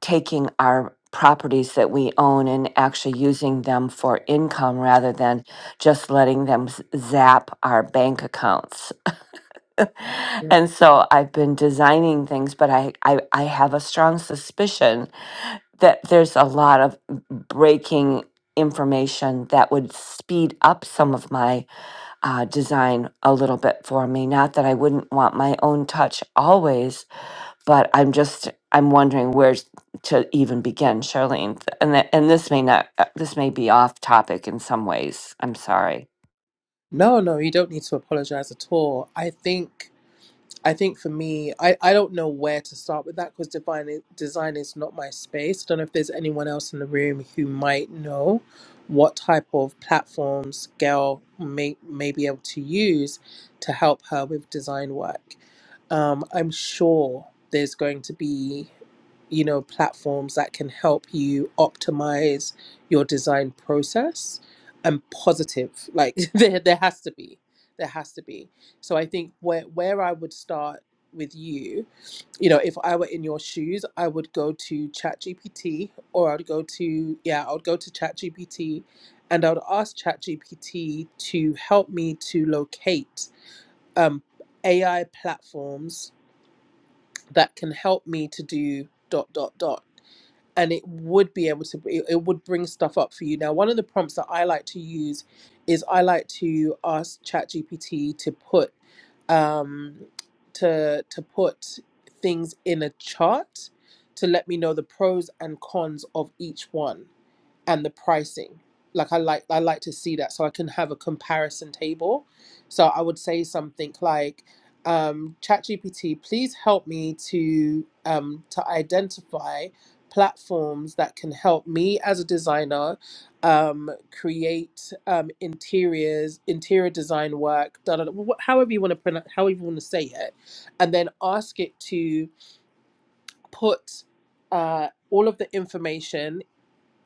E: taking our properties that we own and actually using them for income rather than just letting them s- zap our bank accounts.
A: Yeah.
E: And so I've been designing things, but I, I, I have a strong suspicion that there's a lot of breaking information that would speed up some of my uh, design a little bit for me. Not that I wouldn't want my own touch always, but I'm just I'm wondering where to even begin, Charlene. And that, and this may not uh, this may be off topic in some ways. I'm sorry.
A: No, no, you don't need to apologize at all. I think I think for me, I, I don't know where to start with that because design, design is not my space. Don't know if there's anyone else in the room who might know what type of platforms Gail may, may be able to use to help her with design work. Um, I'm sure there's going to be you know platforms that can help you optimize your design process and positive like [laughs] there there has to be there has to be so I think where where I would start with you, you know, if I were in your shoes, I would go to ChatGPT or I'd go to yeah, I would go to ChatGPT and I would ask ChatGPT to help me to locate um AI platforms that can help me to do dot dot dot and it would be able to it, it would bring stuff up for you now one of the prompts that i like to use is i like to ask ChatGPT to put um to to put things in a chart to let me know the pros and cons of each one and the pricing. Like I like I like to see that so I can have a comparison table. So I would say something like, um, ChatGPT, please help me to um, to identify platforms that can help me as a designer um, create um, interiors, interior design work, da, da, da, wh- however you want to pronounce, however you want to say it, and then ask it to put uh, all of the information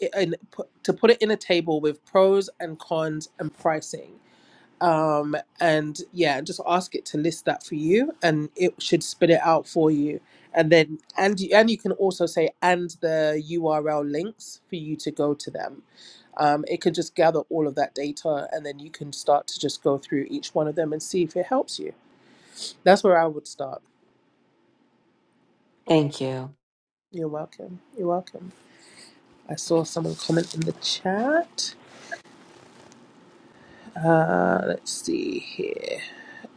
A: it- and put, to put it in a table with pros and cons and pricing um and yeah just ask it to list that for you and it should spit it out for you and then and you, and you can also say and the url links for you to go to them um it can just gather all of that data and then you can start to just go through each one of them and see if it helps you that's where i would start
E: Thank you.
A: you're welcome you're welcome i saw someone comment in the chat uh let's see here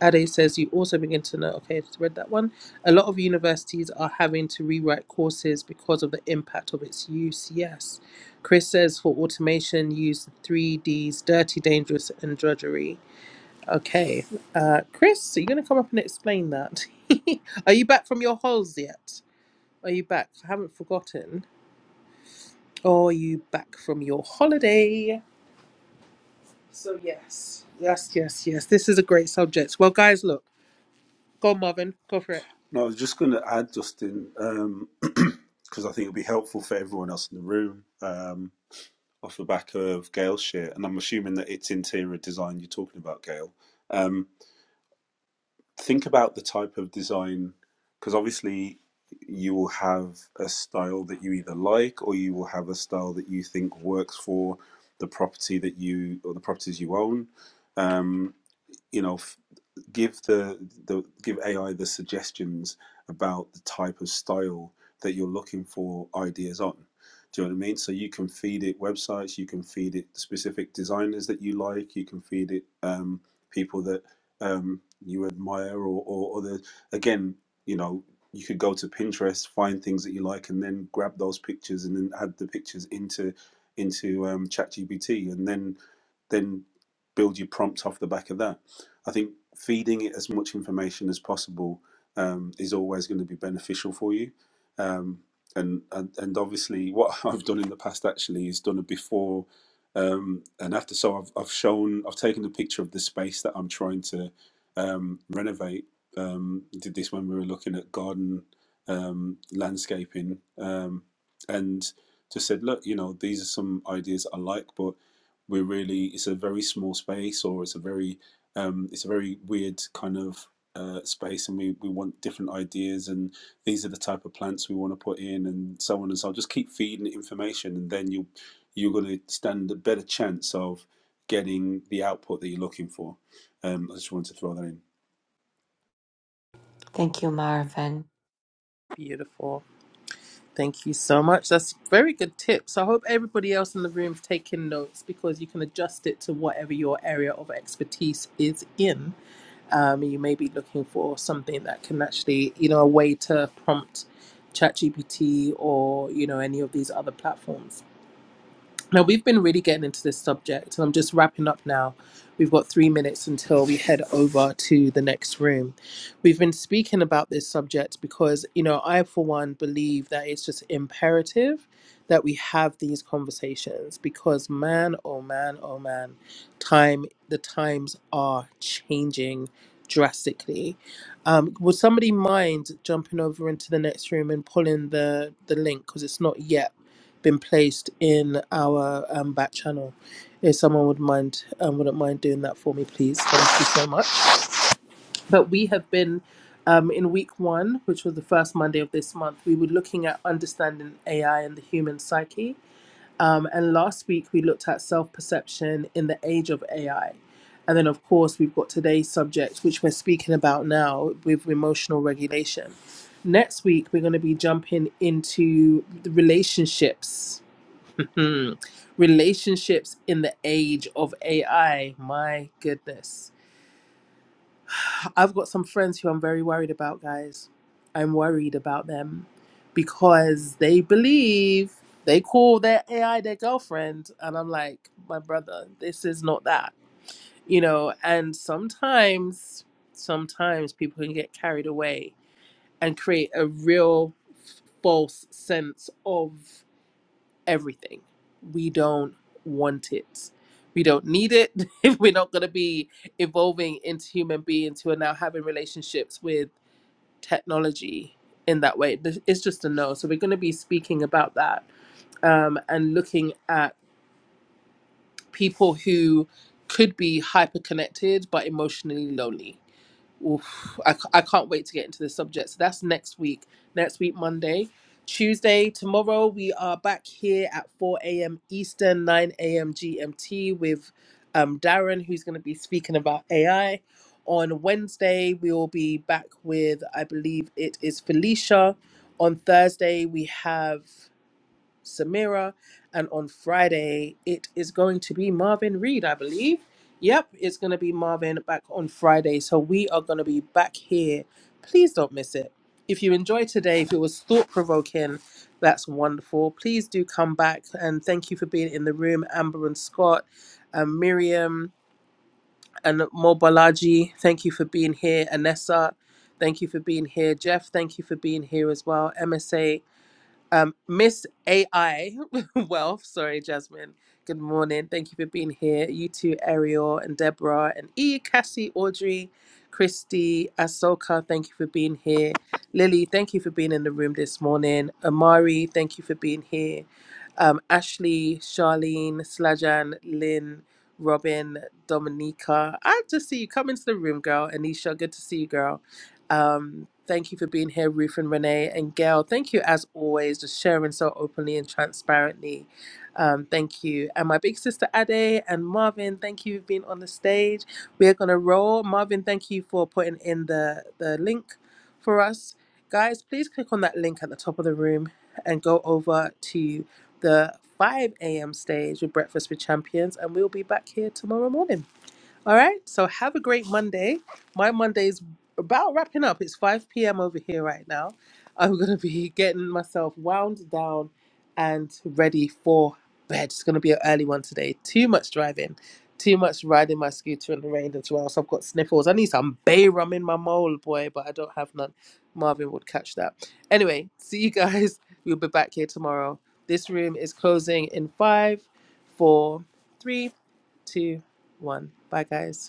A: Ade says you also begin to know, okay, I just read that one. A lot of universities are having to rewrite courses because of the impact of its use. Yes. Chris says for automation, use the three Ds dirty, dangerous, and drudgery. Okay. Uh, Chris, are you going to come up and explain that? [laughs] are you back from your halls yet? Are you back? I haven't forgotten. Or are you back from your holiday? So, yes. Yes, yes, yes. This is a great subject. Well, guys, look. Go, on, Marvin. Go for it.
C: No, I was just going to add, Justin, because um, [clears throat] I think it'll be helpful for everyone else in the room. Um, off the back of Gail's shit, and I'm assuming that it's interior design you're talking about, Gail. Um, think about the type of design, because obviously you will have a style that you either like, or you will have a style that you think works for the property that you or the properties you own. Um, you know, give the, the give AI the suggestions about the type of style that you're looking for ideas on. Do you know what I mean? So you can feed it websites, you can feed it specific designers that you like, you can feed it um, people that um, you admire or, or other. Again, you know, you could go to Pinterest, find things that you like, and then grab those pictures and then add the pictures into into um, ChatGPT, and then then build your prompt off the back of that I think feeding it as much information as possible um, is always going to be beneficial for you. Um, and, and and obviously, what [laughs] I've done in the past actually is done a before um, and after. So I've I've shown I've taken a picture of the space that I'm trying to um, renovate. Um, did this when we were looking at garden um, landscaping, um, and just said, look, you know, these are some ideas I like, but we're really it's a very small space or it's a very um, it's a very weird kind of uh, space, and we, we want different ideas, and these are the type of plants we want to put in, and so on and so. on. Just keep feeding it information, and then you you're going to stand a better chance of getting the output that you're looking for. Um, I just wanted to throw that in.
E: Thank you, Marvin.
A: Beautiful. Thank you so much. That's very good tips. I hope everybody else in the room's taking notes because you can adjust it to whatever your area of expertise is in. Um, you may be looking for something that can actually, you know, a way to prompt ChatGPT or you know any of these other platforms. Now, we've been really getting into this subject, and I'm just wrapping up now. We've got three minutes until we head over to the next room. We've been speaking about this subject because, you know, I, for one, believe that it's just imperative that we have these conversations because, man, oh man, oh man, time, the times are changing drastically. Um, would somebody mind jumping over into the next room and pulling the, the link because it's not yet been placed in our um, back channel. If someone would mind, um, wouldn't mind doing that for me, please. Thank you so much. But we have been um, in week one, which was the first Monday of this month. We were looking at understanding AI and the human psyche. Um, and last week we looked at self perception in the age of AI. And then, of course, we've got today's subject, which we're speaking about now with emotional regulation. Next week, we're going to be jumping into the relationships Hmm. Relationships in the age of AI. My goodness. I've got some friends who I'm very worried about, guys. I'm worried about them because they believe they call their AI their girlfriend. And I'm like, my brother, this is not that. You know, and sometimes, sometimes people can get carried away and create a real false sense of everything. We don't want it. We don't need it [laughs] if we're not going to be evolving into human beings who are now having relationships with technology in that way. This- It's just a no. So we're going to be speaking about that um, and looking at people who could be hyper connected but emotionally lonely oof, I, c- I can't wait to get into this subject. So that's next week. Next week, Monday. Tuesday, tomorrow, we are back here at 4 a.m. Eastern, 9 a.m. GMT with um, Darren, who's going to be speaking about AI. On Wednesday, we will be back with, I believe it is Felicia. On Thursday, we have Samira. And on Friday, it is going to be Marvin Reed, I believe. Yep, it's going to be Marvin back on Friday. So we are going to be back here. Please don't miss it. If you enjoyed today, if it was thought provoking, that's wonderful. Please do come back and thank you for being in the room, Amber and Scott, and Miriam and Mobalaji. Thank you for being here, Anessa. Thank you for being here, Jeff. Thank you for being here as well, MSA. Um, Miss AI [laughs] Wealth, sorry, Jasmine. Good morning. Thank you for being here. You too, Ariel and Deborah and E, Cassie, Audrey, Christy, Asoka. Thank you for being here. Lily, thank you for being in the room this morning. Amari, thank you for being here. Um, Ashley, Charlene, Slajan, Lynn, Robin, Dominica. I just see you come into the room, girl. Anisha, good to see you, girl. Um, thank you for being here, Ruth and Renee and Gail. Thank you, as always, just sharing so openly and transparently. Um, thank you. And my big sister Ade and Marvin, thank you for being on the stage. We are going to roll. Marvin, thank you for putting in the, the link for us. Guys, please click on that link at the top of the room and go over to the 5 a.m. stage with Breakfast with Champions. And we'll be back here tomorrow morning. All right. So have a great Monday. My Monday is about wrapping up. It's 5 p.m. over here right now. I'm going to be getting myself wound down and ready for bed. It's going to be an early one today. Too much driving, too much riding my scooter in the rain as well. So I've got sniffles. I need some bay rum in my mole, boy, but I don't have none. Marvin would catch that. Anyway, see you guys. [laughs] We'll be back here tomorrow. This room is closing in five, four, three, two, one. Bye, guys.